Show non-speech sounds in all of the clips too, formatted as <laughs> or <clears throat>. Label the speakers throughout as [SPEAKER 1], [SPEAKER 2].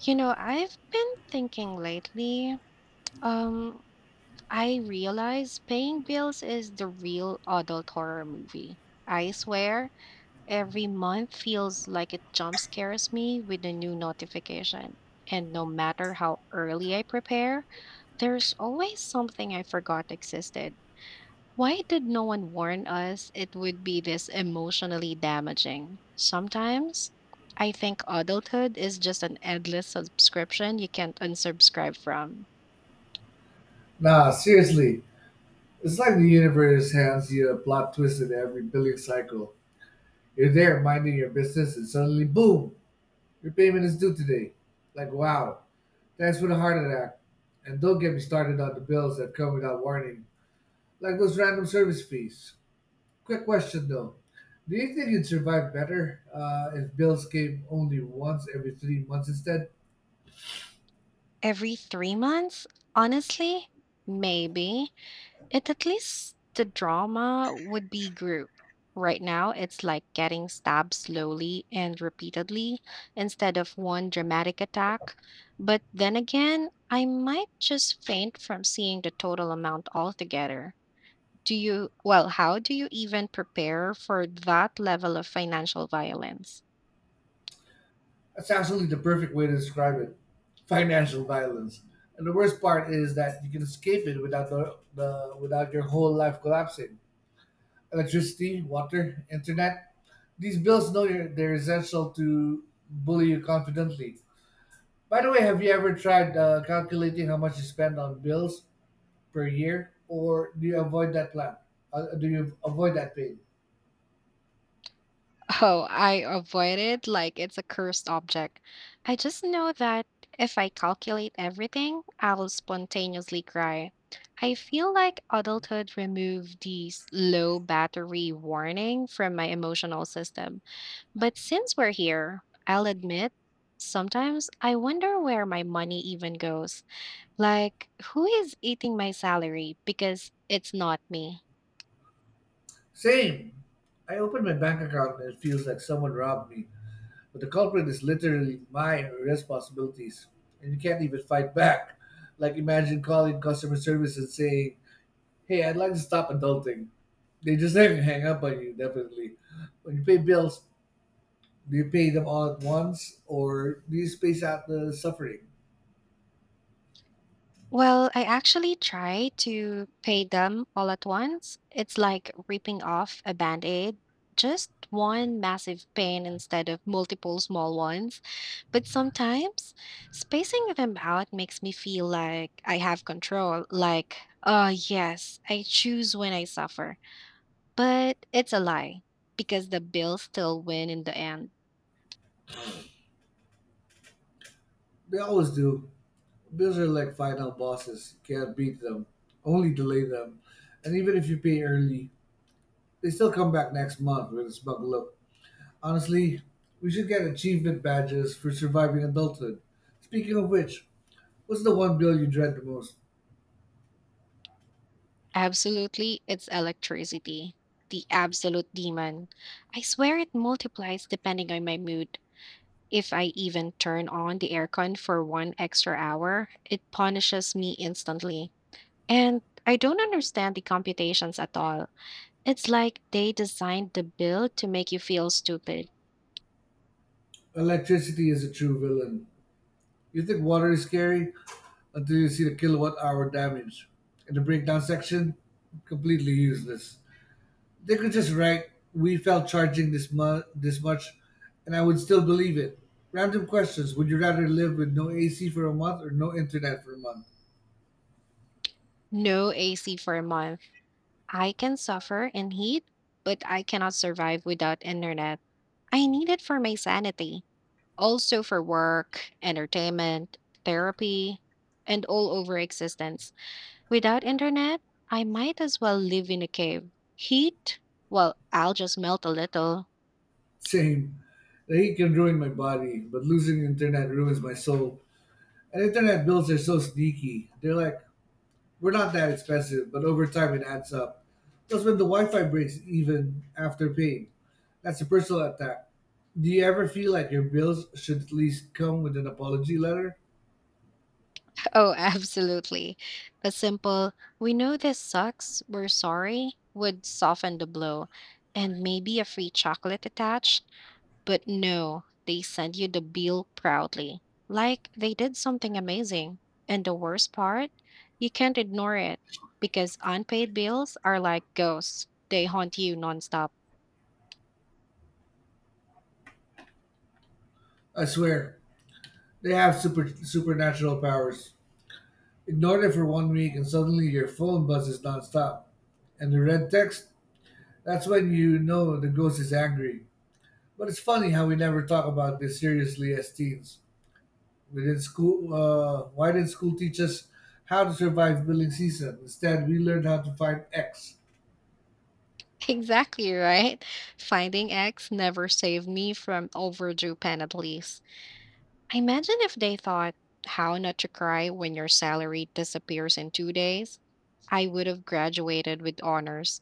[SPEAKER 1] You know, I've been thinking lately, um, I realize paying bills is the real adult horror movie. I swear, every month feels like it jump scares me with a new notification. And no matter how early I prepare, there's always something I forgot existed. Why did no one warn us it would be this emotionally damaging? Sometimes I think adulthood is just an endless subscription you can't unsubscribe from.
[SPEAKER 2] Nah, seriously, it's like the universe hands you a plot twist in every billing cycle. You're there minding your business, and suddenly, boom, your payment is due today. Like, wow, thanks for the heart attack. And don't get me started on the bills that come without warning, like those random service fees. Quick question though. Do you think you'd survive better if bills came only once every 3 months instead?
[SPEAKER 1] Every 3 months? Honestly, maybe. It at least the drama would be grouped. Right now, it's like getting stabbed slowly and repeatedly instead of one dramatic attack. But then again, I might just faint from seeing the total amount altogether. Well, how do you even prepare for that level of financial violence?
[SPEAKER 2] That's absolutely the perfect way to describe it. Financial violence. And the worst part is that you can escape it without the, the without your whole life collapsing. Electricity, water, internet. These bills know they're essential to bully you confidently. By the way, have you ever tried calculating how much you spend on bills per year, or do you avoid that plan? Do you avoid that pain?
[SPEAKER 1] Oh, I avoid it like it's a cursed object. I just know that if I calculate everything, I will spontaneously cry. I feel like adulthood removed the low battery warning from my emotional system. But since we're here, I'll admit, sometimes I wonder where my money even goes. Like, who is eating my salary? Because it's not me.
[SPEAKER 2] Same. I opened my bank account, and it feels like someone robbed me. But the culprit is literally my responsibilities, and you can't even fight back. Like, imagine calling customer service and saying, "Hey, I'd like to stop adulting." They just <laughs> hang up on you, definitely. When you pay bills, do you pay them all at once, or do you space out the suffering?
[SPEAKER 1] Well, I actually try to pay them all at once. It's like ripping off a band-aid, just one massive pain instead of multiple small ones. But sometimes spacing them out makes me feel like I have control, like, oh, yes, I choose when I suffer. But it's a lie because the bills still win in the end.
[SPEAKER 2] They always do. Bills are like final bosses. You can't beat them, only delay them. And even if you pay early, they still come back next month with a smug look. Honestly, we should get achievement badges for surviving adulthood. Speaking of which, what's the one bill you dread the most?
[SPEAKER 1] Absolutely, it's electricity, the absolute demon. I swear it multiplies depending on my mood. If I even turn on the aircon for one extra hour, it punishes me instantly. And I don't understand the computations at all. It's like they designed the bill to make you feel stupid.
[SPEAKER 2] Electricity is a true villain. You think water is scary until you see the kilowatt hour damage. And the breakdown section, completely useless. They could just write, "We fell charging this much," and I would still believe it. Random questions: would you rather live with no AC for a month or no internet for a month?
[SPEAKER 1] No AC for a month. I can suffer in heat, but I cannot survive without internet. I need it for my sanity. Also for work, entertainment, therapy, and all over existence. Without internet, I might as well live in a cave. Heat? Well, I'll just melt a little. <laughs>
[SPEAKER 2] Same. The heat can ruin my body, but losing internet ruins my soul. And internet bills are so sneaky. They're like, "We're not that expensive," but over time it adds up. Plus, when the Wi Fi breaks, even after paying, that's a personal attack. Do you ever feel like your bills should at least come with an apology letter?
[SPEAKER 1] Oh, absolutely. A simple, we know this sucks, we're sorry, would soften the blow. And maybe a free chocolate attached. But no, they send you the bill proudly, like they did something amazing. And the worst part, you can't ignore it because unpaid bills are like ghosts, they haunt you nonstop. <laughs>
[SPEAKER 2] I swear, they have super supernatural powers. Ignore them for one week, and suddenly your phone buzzes nonstop. And the red text, that's when you know the ghost is angry. But it's funny how we never talk about this seriously as teens. We did school. Why did not school teach us how to survive billing season? Instead, we learned how to find X.
[SPEAKER 1] Exactly right. Finding X never saved me from overdue penalties. Imagine if they thought how not to cry when your salary disappears in 2 days. I would have graduated with honors.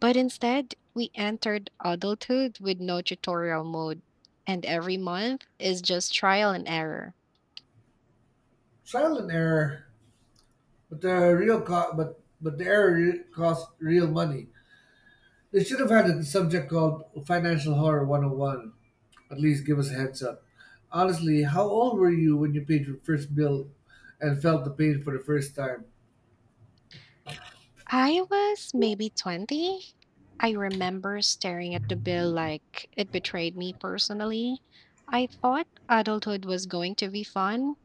[SPEAKER 1] But instead, we entered adulthood with no tutorial mode, and every month is just trial and error.
[SPEAKER 2] Trial and error, but the real co- but the error re- cost real money. They should have had a subject called Financial Horror 101. At least give us a heads up. Honestly, how old were you when you paid your first bill and felt the pain for the first time?
[SPEAKER 1] I was maybe 20. I remember staring at the bill like it betrayed me personally. I thought adulthood was going to be fun.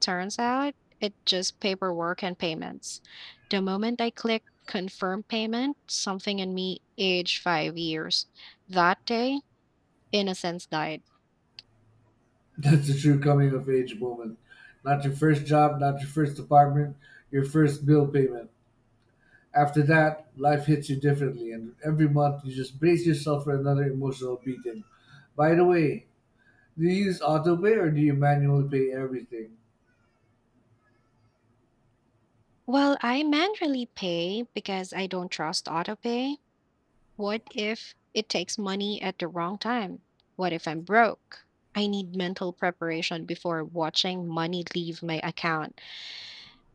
[SPEAKER 1] Turns out it just paperwork and payments. The moment I clicked confirm payment, something in me aged 5 years. That day, innocence died.
[SPEAKER 2] That's a true coming of age moment. Not your first job, not your first apartment, your first bill payment. After that, life hits you differently, and every month you just brace yourself for another emotional beating. By the way, do you use autopay or do you manually pay everything?
[SPEAKER 1] Well, I manually pay because I don't trust autopay. What if it takes money at the wrong time? What if I'm broke? I need mental preparation before watching money leave my account.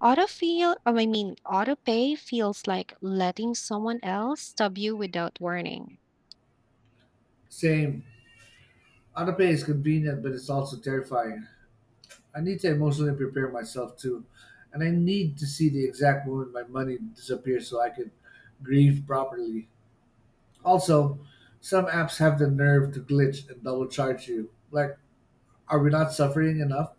[SPEAKER 1] Autopay feels like letting someone else stub you without warning.
[SPEAKER 2] Same. Autopay is convenient, but it's also terrifying. I need to emotionally prepare myself too, and I need to see the exact moment my money disappears so I can grieve properly. Also, some apps have the nerve to glitch and double charge you. Like, are we not suffering enough?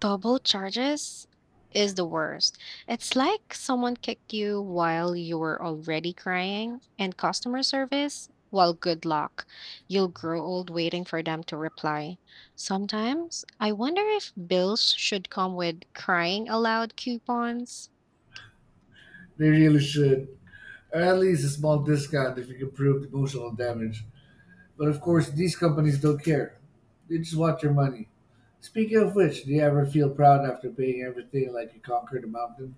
[SPEAKER 1] Double charges is the worst. It's like someone kicked you while you were already crying. And customer service, well, good luck. You'll grow old waiting for them to reply. Sometimes I wonder if bills should come with crying aloud coupons.
[SPEAKER 2] They really should. Or at least a small discount if you can prove emotional damage. But of course, these companies don't care. They just want your money. Speaking of which, do you ever feel proud after paying everything, like you conquered a mountain?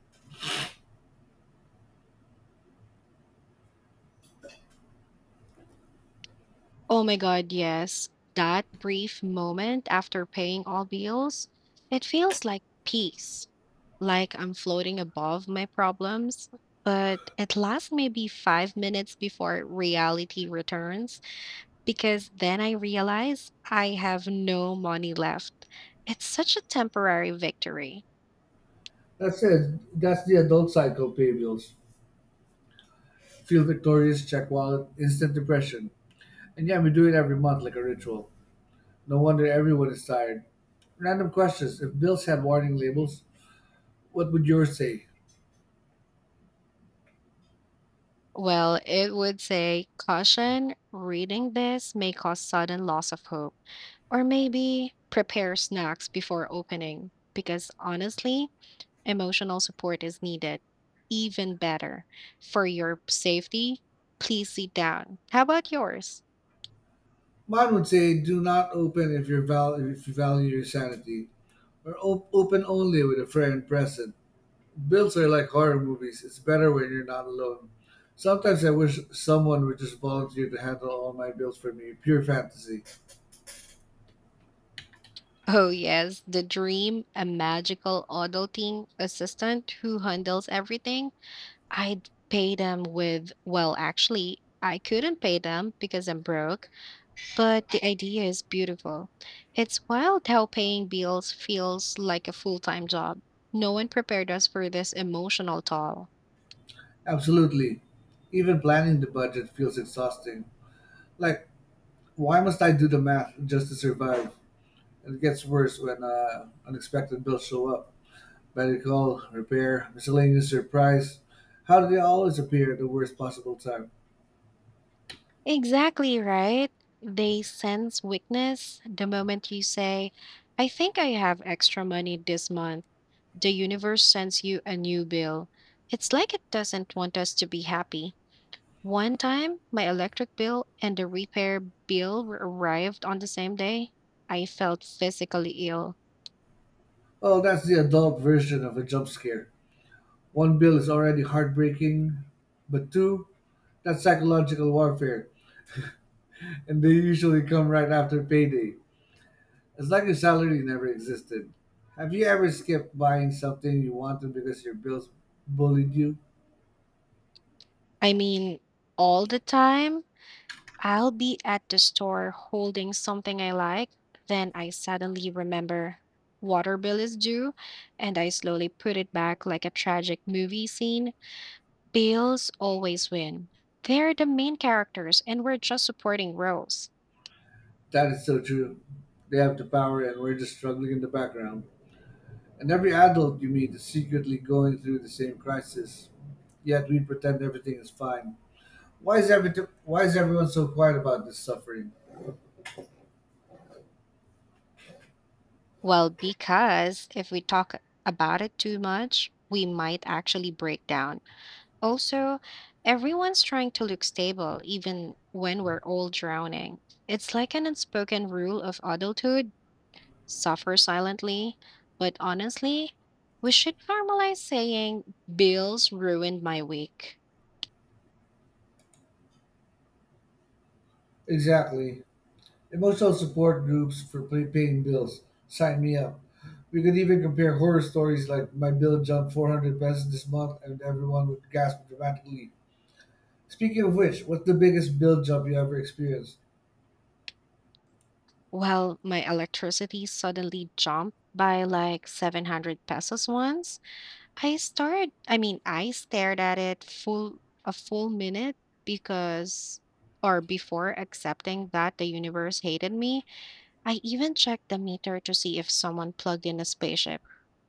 [SPEAKER 1] Oh my God, yes. That brief moment after paying all bills, it feels like peace, like I'm floating above my problems. But it lasts maybe 5 minutes before reality returns because then I realize I have no money left. It's such a temporary victory.
[SPEAKER 2] That's it. That's the adult cycle: pay bills, feel victorious, check wallet, instant depression. And yeah, we do it every month like a ritual. No wonder everyone is tired. Random questions. If bills had warning labels, what would yours say?
[SPEAKER 1] Well, it would say, caution, reading this may cause sudden loss of hope. Or maybe prepare snacks before opening, because honestly, emotional support is needed. Even better. For your safety, please sit down. How about yours?
[SPEAKER 2] Mine would say, "Do not open if you if you value your sanity," or Open only with a friend present." Bills are like horror movies. It's better when you're not alone. Sometimes I wish someone would just volunteer to handle all my bills for me. Pure fantasy.
[SPEAKER 1] Oh, yes, the dream, a magical adulting assistant who handles everything. I'd pay them with, well, actually, I couldn't pay them because I'm broke. But the idea is beautiful. It's wild how paying bills feels like a full time job. No one prepared us for this emotional toll.
[SPEAKER 2] Absolutely. Even planning the budget feels exhausting. Like, why must I do the math just to survive? And it gets worse when unexpected bills show up. Medical, repair, miscellaneous surprise. How do they always appear at the worst possible time?
[SPEAKER 1] Exactly right. They sense weakness the moment you say, I think I have extra money this month. The universe sends you a new bill. It's like it doesn't want us to be happy. One time, my electric bill and the repair bill arrived on the same day. I felt physically ill.
[SPEAKER 2] Well, that's the adult version of a jump scare. One bill is already heartbreaking, but two, that's psychological warfare, and they usually come right after payday. It's like your salary never existed. Have you ever skipped buying something you wanted because your bills bullied you?
[SPEAKER 1] I mean, all the time. I'll be at the store holding something I like, then I suddenly remember water bill is due, and I slowly put it back like a tragic movie scene. Bills always win. They're the main characters, and we're just supporting roles.
[SPEAKER 2] That is so true. They have the power, and we're just struggling in the background. And every adult you meet is secretly going through the same crisis. Yet we pretend everything is fine. Why is every why is everyone so quiet about this suffering?
[SPEAKER 1] Well, because if we talk about it too much, we might actually break down. Also, everyone's trying to look stable even when we're all drowning. It's like an unspoken rule of adulthood suffer silently. But honestly, we should normalize saying, bills ruined my week.
[SPEAKER 2] Exactly. Emotional support groups for paying bills. Sign me up. We could even compare horror stories like, "My bill jumped 400 pesos this month," and everyone would gasp dramatically. Speaking of which, what's the biggest bill jump you ever experienced?
[SPEAKER 1] Well, my electricity suddenly jumped by like 700 pesos once. I started, I mean, I stared at it full a full minute because or before accepting that the universe hated me. I even checked the meter to see if someone plugged in a spaceship,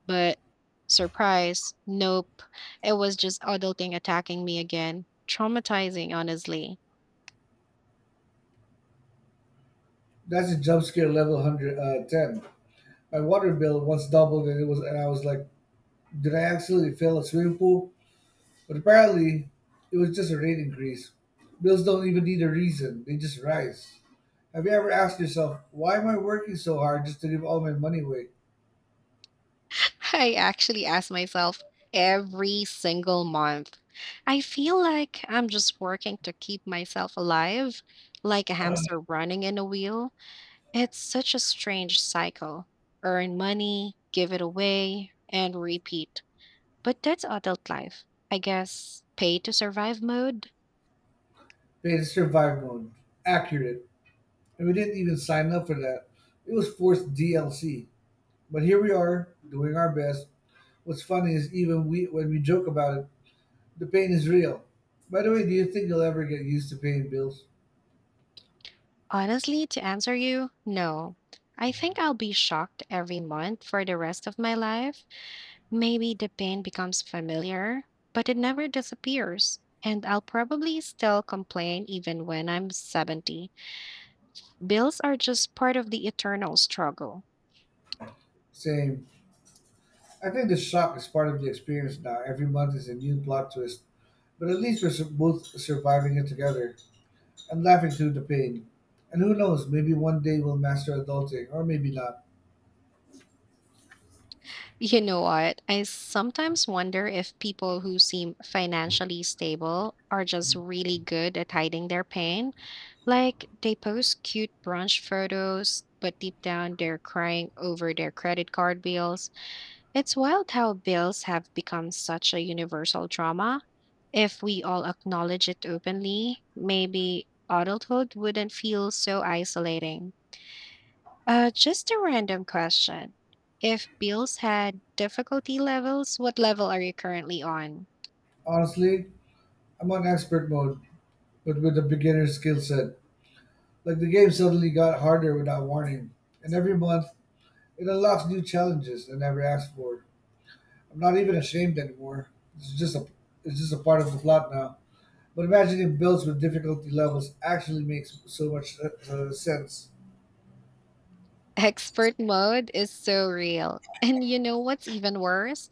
[SPEAKER 1] but surprise, nope. It was just adulting attacking me again. Traumatizing, honestly.
[SPEAKER 2] That's a jump scare level one hundred ten. My water bill once doubled, and it was and I was like, "Did I accidentally fill a swimming pool?" But apparently, it was just a rate increase. Bills don't even need a reason, they just rise. Have you ever asked yourself, why am I working so hard just to give all my money away?
[SPEAKER 1] <laughs> I actually ask myself every single month. I feel like I'm just working to keep myself alive, like a hamster running in a wheel. It's such a strange cycle. Earn money, give it away, and repeat. But that's adult life. I guess pay to survive mode?
[SPEAKER 2] Paid in survive mode. Accurate. And we didn't even sign up for that. It was forced DLC. But here we are, doing our best. What's funny is, even we when we joke about it, the pain is real. By the way, do you think you'll ever get used to paying bills?
[SPEAKER 1] Honestly, to answer you, no. I think I'll be shocked every month for the rest of my life. Maybe the pain becomes familiar, but it never disappears. And I'll probably still complain even when I'm 70. Bills are just part of the eternal struggle.
[SPEAKER 2] Same. I think the shock is part of the experience now. Every month is a new plot twist, but at least we're both surviving it together and laughing through the pain. And who knows, maybe one day we'll master adulting, or maybe not.
[SPEAKER 1] You know what? I sometimes wonder if people who seem financially stable are just really good at hiding their pain. Like they post cute brunch photos, but deep down they're crying over their credit card bills. It's wild how bills have become such a universal drama. If we all acknowledge it openly, maybe adulthood wouldn't feel so isolating. Just a random question. If bills had difficulty levels, what level are you currently on?
[SPEAKER 2] Honestly, I'm on expert mode, but with a beginner skill set. Like the game suddenly got harder without warning, and every month it unlocks new challenges I never asked for. I'm not even ashamed anymore. It's just a part of the plot now. But imagining builds with difficulty levels actually makes so much sense.
[SPEAKER 1] <laughs> Expert mode is so real. And you know what's even worse?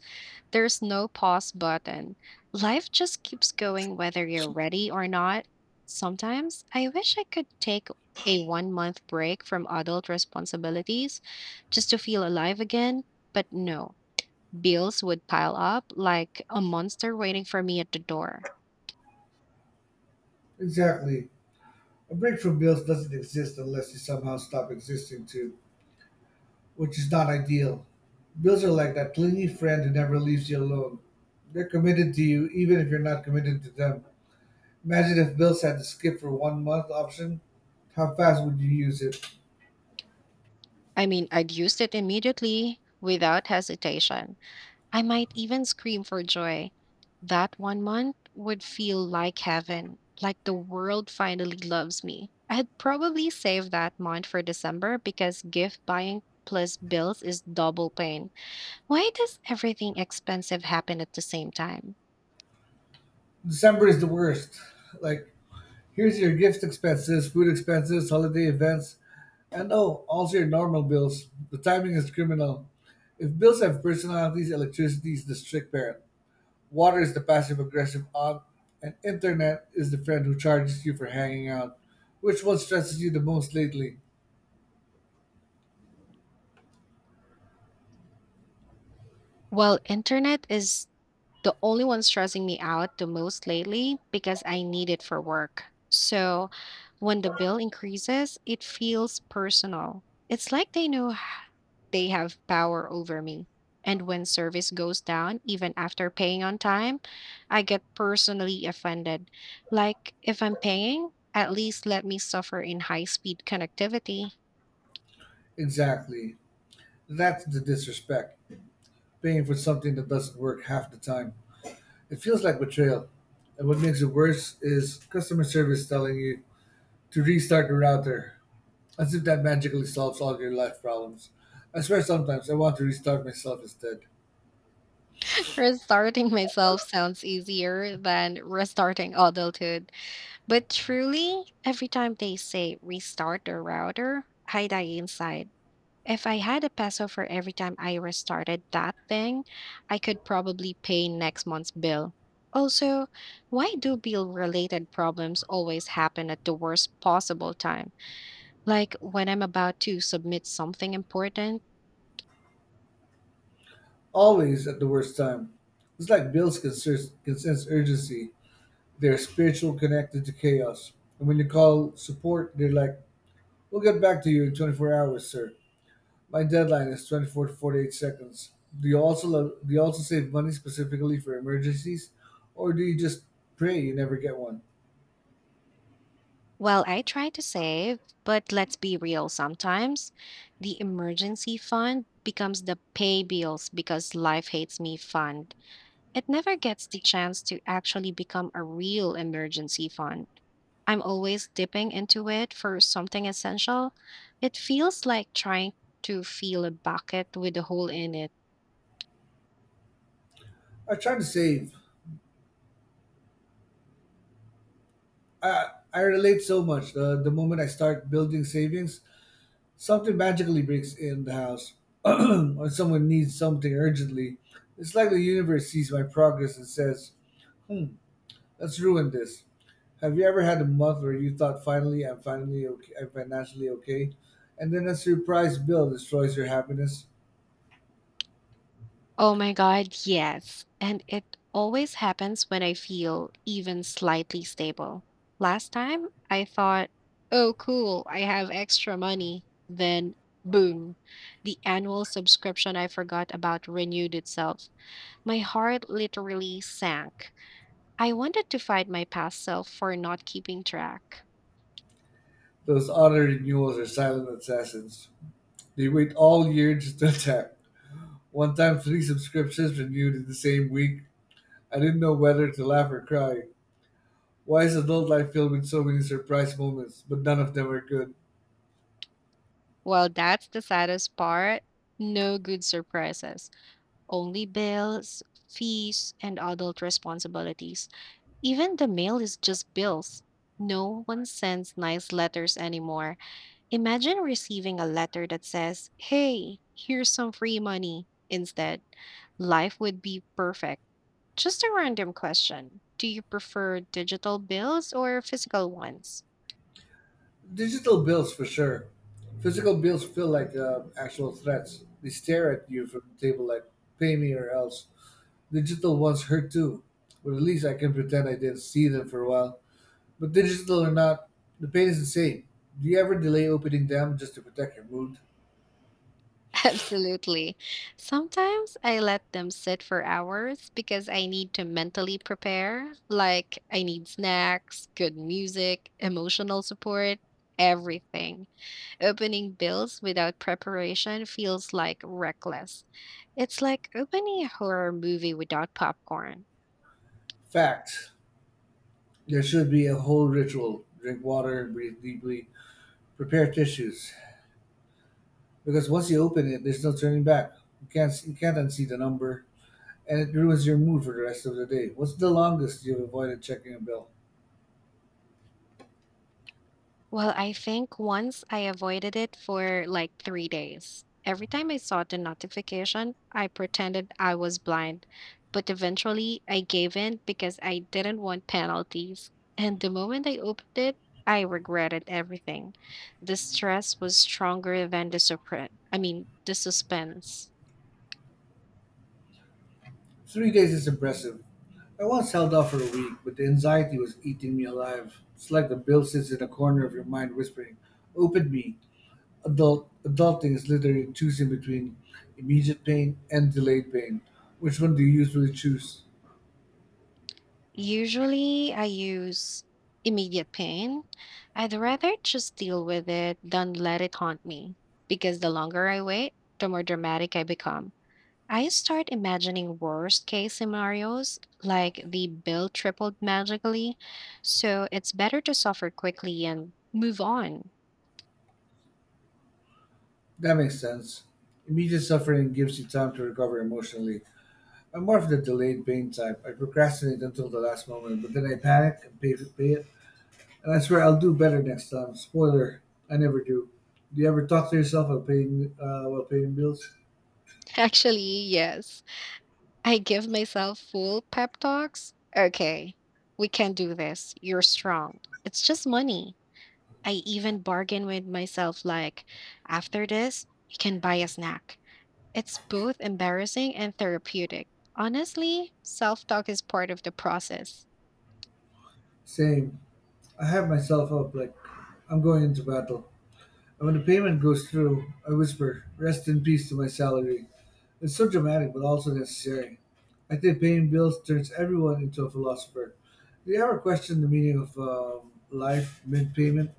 [SPEAKER 1] There's no pause button. Life just keeps going whether you're ready or not. Sometimes I wish I could take a one month break from adult responsibilities just to feel alive again, but no, bills would pile up like a monster waiting for me at the door.
[SPEAKER 2] Exactly. A break from bills doesn't exist unless you somehow stop existing too, which is not ideal. Bills are like that clingy friend who never leaves you alone. They're committed to you even if you're not committed to them. Imagine if bills had the skip for one month option. How fast would you use it?
[SPEAKER 1] I mean, I'd used it immediately without hesitation. I might even scream for joy. That one month would feel like heaven, like the world finally loves me. I'd probably save that month for December because gift buying plus bills is double pain. Why does everything expensive happen at the same time?
[SPEAKER 2] December is the worst. Like, "Here's your gift expenses, food expenses, holiday events, and oh, also your normal bills." The timing is criminal. If bills have personalities, electricity is the strict parent, water is the passive aggressive aunt, and internet is the friend who charges you for hanging out. Which one stresses you the most lately?
[SPEAKER 1] Well, internet is the only one stressing me out the most lately because I need it for work. So when the bill increases, it feels personal. It's like they know they have power over me. And when service goes down, even after paying on time, I get personally offended. Like, if I'm paying, at least let me suffer in high speed connectivity.
[SPEAKER 2] Exactly. That's the disrespect. Paying for something that doesn't work half the time. It feels like betrayal. And what makes it worse is customer service telling you to restart the router, as if that magically solves all your life problems. I swear, sometimes I want to restart myself instead.
[SPEAKER 1] <laughs> Restarting myself sounds easier than restarting adulthood. But truly, every time they say restart the router, I die inside. If I had a peso for every time I restarted that thing, I could probably pay next month's bill. Also, why do bill related problems always happen at the worst possible time? Like when I'm about to submit something important?
[SPEAKER 2] Always at the worst time. It's like bills can sense urgency. They're spiritual connected to chaos. And when you call support, they're like, "We'll get back to you in 24 hours, sir." My deadline is 24 to 48 seconds. Do you also do you also save money specifically for emergencies, or do you just pray you never get one?
[SPEAKER 1] Well, I try to save, but let's be real sometimes the emergency fund becomes the pay bills because life hates me fund. It never gets the chance to actually become a real emergency fund. I'm always dipping into it for something essential. It feels like trying to fill a bucket with a hole in it.
[SPEAKER 2] I try to save. I relate so much. The moment I start building savings, something magically breaks in the house, <clears throat> or someone needs something urgently. It's like the universe sees my progress and says, "Hmm, let's ruin this." Have you ever had a month where you thought, "Finally, I'm financially okay," and then a surprise bill destroys your happiness?
[SPEAKER 1] Oh my God, yes. And it always happens when I feel even slightly stable. Last time, I thought, oh, cool, I have extra money. Then, boom, the annual subscription I forgot about renewed itself. My heart literally sank. I wanted to fight my past self for not keeping track.
[SPEAKER 2] Those auto renewals are silent assassins. They wait all year just to attack. One time, 3 subscriptions renewed in the same week. I didn't know whether to laugh or cry. Why is adult life filled with so many surprise moments, but none of them are good?
[SPEAKER 1] Well, that's the saddest part. No good surprises, only bills, fees, and adult responsibilities. Even the mail is just bills. No one sends nice letters anymore. Imagine receiving a letter that says, hey, here's some free money. Instead, life would be perfect. Just a random question. Do you prefer digital bills or physical ones?
[SPEAKER 2] Digital bills, for sure. Physical bills feel like actual threats. They stare at you from the table like, "Pay me or else." Digital ones hurt too, but at least I can pretend I didn't see them for a while. But digital or not, the pain is the same. Do you ever delay opening them just to protect your mood?
[SPEAKER 1] <laughs> Absolutely. Sometimes I let them sit for hours because I need to mentally prepare. Like, I need snacks, good music, emotional support, everything. Opening bills without preparation feels like reckless. It's like opening a horror movie without popcorn.
[SPEAKER 2] Fact. There should be a whole ritual. Drink water, breathe deeply, prepare tissues, because once you open it, there's no turning back. You can't unsee the number, and it ruins your mood for the rest of the day. What's the longest you've avoided checking a bill?
[SPEAKER 1] Well, I think once I avoided it for like 3 days. Every time I saw the notification, I pretended I was blind, but eventually I gave in because I didn't want penalties. And the moment I opened it, I regretted everything. The stress was stronger than the surprise. I mean, the suspense.
[SPEAKER 2] 3 days is impressive. I once held off for a week, but the anxiety was eating me alive. It's like the bill sits in a corner of your mind, whispering, "Open me." Adulting is literally choosing between immediate pain and delayed pain. Which one do you usually choose?
[SPEAKER 1] Usually, I use immediate pain. I'd rather just deal with it than let it haunt me, because the longer I wait, the more dramatic I become. I start imagining worst case scenarios, like the bill tripled magically, so it's better to suffer quickly and move on.
[SPEAKER 2] That makes sense. Immediate suffering gives you time to recover emotionally. I'm more of the delayed pain type. I procrastinate until the last moment, but then I panic and pay it. And I swear I'll do better next time. Spoiler, I never do. Do you ever talk to yourself while while paying bills?
[SPEAKER 1] <laughs> Actually, yes, I give myself full pep talks. Okay, we can do this. You're strong. It's just money. I even bargain with myself like, after this, you can buy a snack. It's both embarrassing and therapeutic. Honestly, self talk is part of the process.
[SPEAKER 2] Same. I have myself up like I'm going into battle. And when the payment goes through, I whisper, rest in peace to my salary. It's so dramatic, but also necessary. I think paying bills turns everyone into a philosopher. Do you ever question the meaning of life mid payment?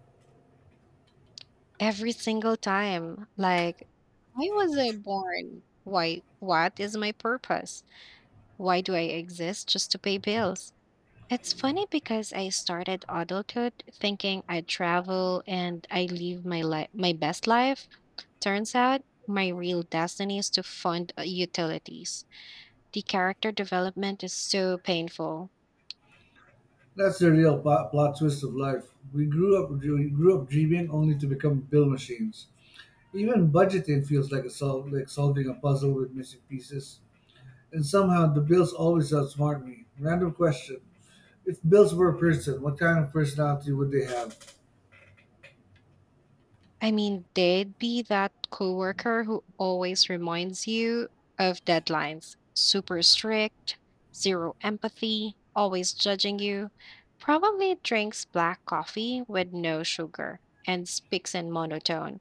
[SPEAKER 1] Every single time, like, why was I born? Why, what is my purpose? Why do I exist just to pay bills? It's funny because I started adulthood thinking I'd travel and I live my life, my best life. Turns out, my real destiny is to fund utilities. The character development is so painful.
[SPEAKER 2] That's the real plot twist of life. We grew up dreaming only to become bill machines. Even budgeting feels like a solving a puzzle with missing pieces. And somehow the bills always outsmart me. Random question. If bills were a person, what kind of personality would they have?
[SPEAKER 1] I mean, they'd be that coworker who always reminds you of deadlines, super strict, zero empathy, always judging you, probably drinks black coffee with no sugar, and speaks in monotone.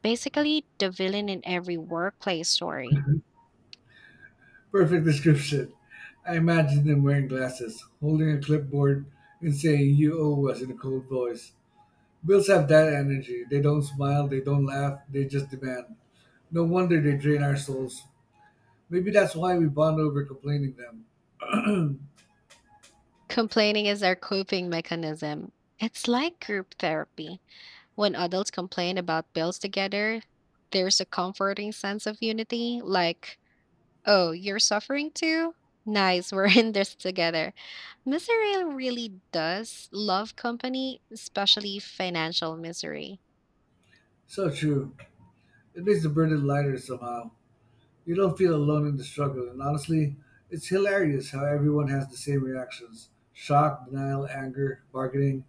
[SPEAKER 1] Basically, the villain in every workplace story.
[SPEAKER 2] <laughs> Perfect description. I imagine them wearing glasses, holding a clipboard, and saying, You owe us in a cold voice. Bills have that energy. They don't smile, they don't laugh, they just demand. No wonder they drain our souls. Maybe that's why we bond over complaining them.
[SPEAKER 1] Complaining is our coping mechanism. It's like group therapy. When adults complain about bills together, there's a comforting sense of unity, like, oh, you're suffering too? Nice, <laughs> we're in this together. Misery really does love company, especially financial misery.
[SPEAKER 2] So true. It makes the burden lighter somehow. You don't feel alone in the struggle, and honestly, it's hilarious how everyone has the same reactions shock, denial, anger, bargaining.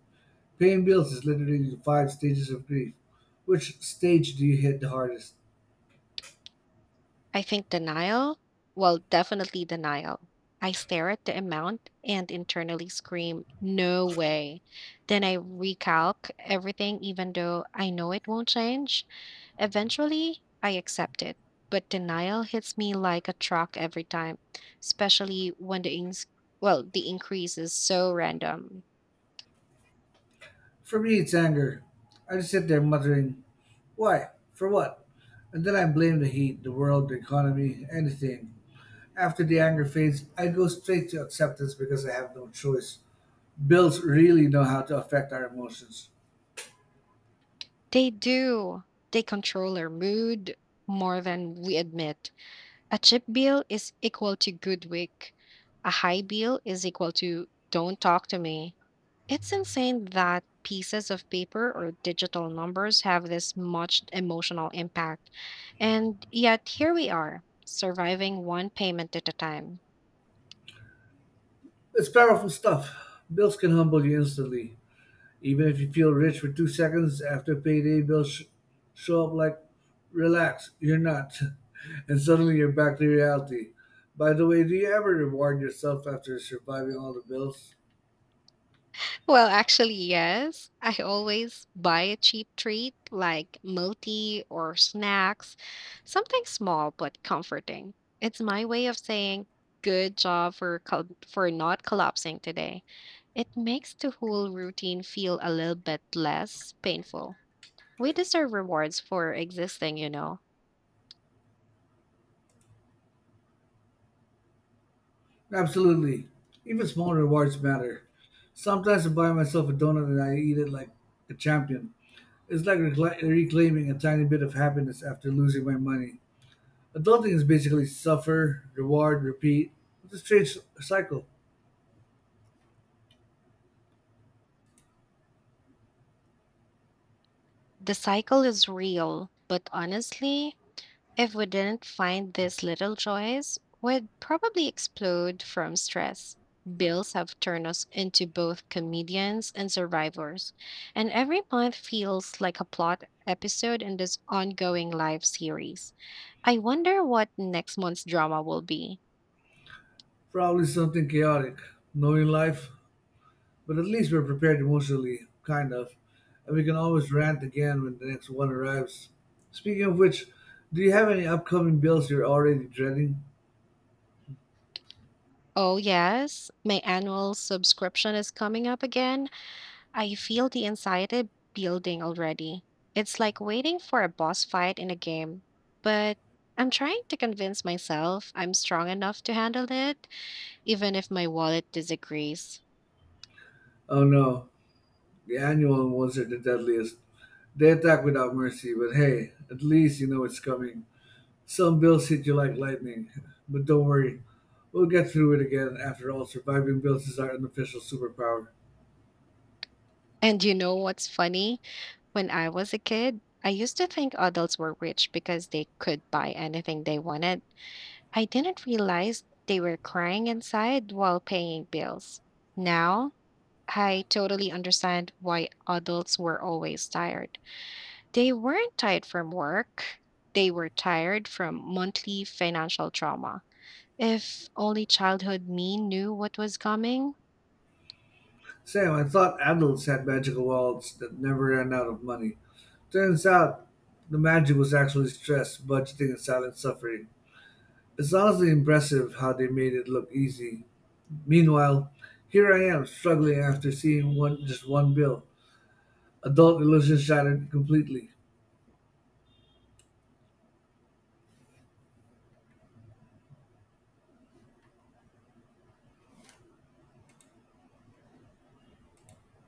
[SPEAKER 2] Paying bills is literally the five stages of grief. Which stage do you hit the hardest?
[SPEAKER 1] I think well, definitely denial. I stare at the amount and internally scream, no way. Then I recalc everything, even though I know it won't change. Eventually, I accept it. But denial hits me like a truck every time, especially when the increase is so random.
[SPEAKER 2] For me, it's anger. I just sit there muttering, why? For what? And then I blame the heat, the world, the economy, anything. After the anger fades, I go straight to acceptance because I have no choice. Bills really know how to affect our emotions.
[SPEAKER 1] They do. They control our mood more than we admit. A cheap bill is equal to good week. A high bill is equal to don't talk to me. It's insane that pieces of paper or digital numbers have this much emotional impact. And yet, here we are, surviving one payment at a time.
[SPEAKER 2] It's powerful stuff. Bills can humble you instantly. Even if you feel rich for 2 seconds after payday, bills show up like, relax, you're not. <laughs> And suddenly you're back to reality. By the way, do you ever reward yourself after surviving all the bills?
[SPEAKER 1] Well, actually, yes. I always buy a cheap treat like moti or snacks, something small but comforting. It's my way of saying good job for for not collapsing today. It makes the whole routine feel a little bit less painful. We deserve rewards for existing, you know.
[SPEAKER 2] Absolutely. Even small rewards matter. Sometimes I buy myself a donut and I eat it like a champion. It's like reclaiming a tiny bit of happiness after losing my money. Adulting is basically suffer, reward, repeat. It's a strange cycle.
[SPEAKER 1] The cycle is real, but honestly, if we didn't find these little joys, we'd probably explode from stress. Bills have turned us into both comedians and survivors, and every month feels like a plot episode in this ongoing live series. I wonder what next month's drama will be.
[SPEAKER 2] Probably something chaotic. Knowing life, but at least we're prepared emotionally, kind of. And we can always rant again when the next one arrives. Speaking of which, do you have any upcoming bills you're already dreading?
[SPEAKER 1] Oh, yes, my annual subscription is coming up again. I feel the anxiety building already. It's like waiting for a boss fight in a game. But I'm trying to convince myself I'm strong enough to handle it, even if my wallet disagrees.
[SPEAKER 2] Oh no, the annual ones are the deadliest. They attack without mercy, but hey, at least you know it's coming. Some bills hit you like lightning, but don't worry, we'll get through it again. After all, surviving bills is our unofficial superpower.
[SPEAKER 1] And you know what's funny? When I was a kid, I used to think adults were rich because they could buy anything they wanted. I didn't realize they were crying inside while paying bills. Now, I totally understand why adults were always tired. They weren't tired from work. They were tired from monthly financial trauma. If only childhood me knew what was coming,
[SPEAKER 2] Sam, I thought adults had magical wallets that never ran out of money. Turns out the magic was actually stress, budgeting, and silent suffering. It's honestly impressive how they made it look easy. Meanwhile, here I am struggling after seeing one bill. Adult illusion shattered completely.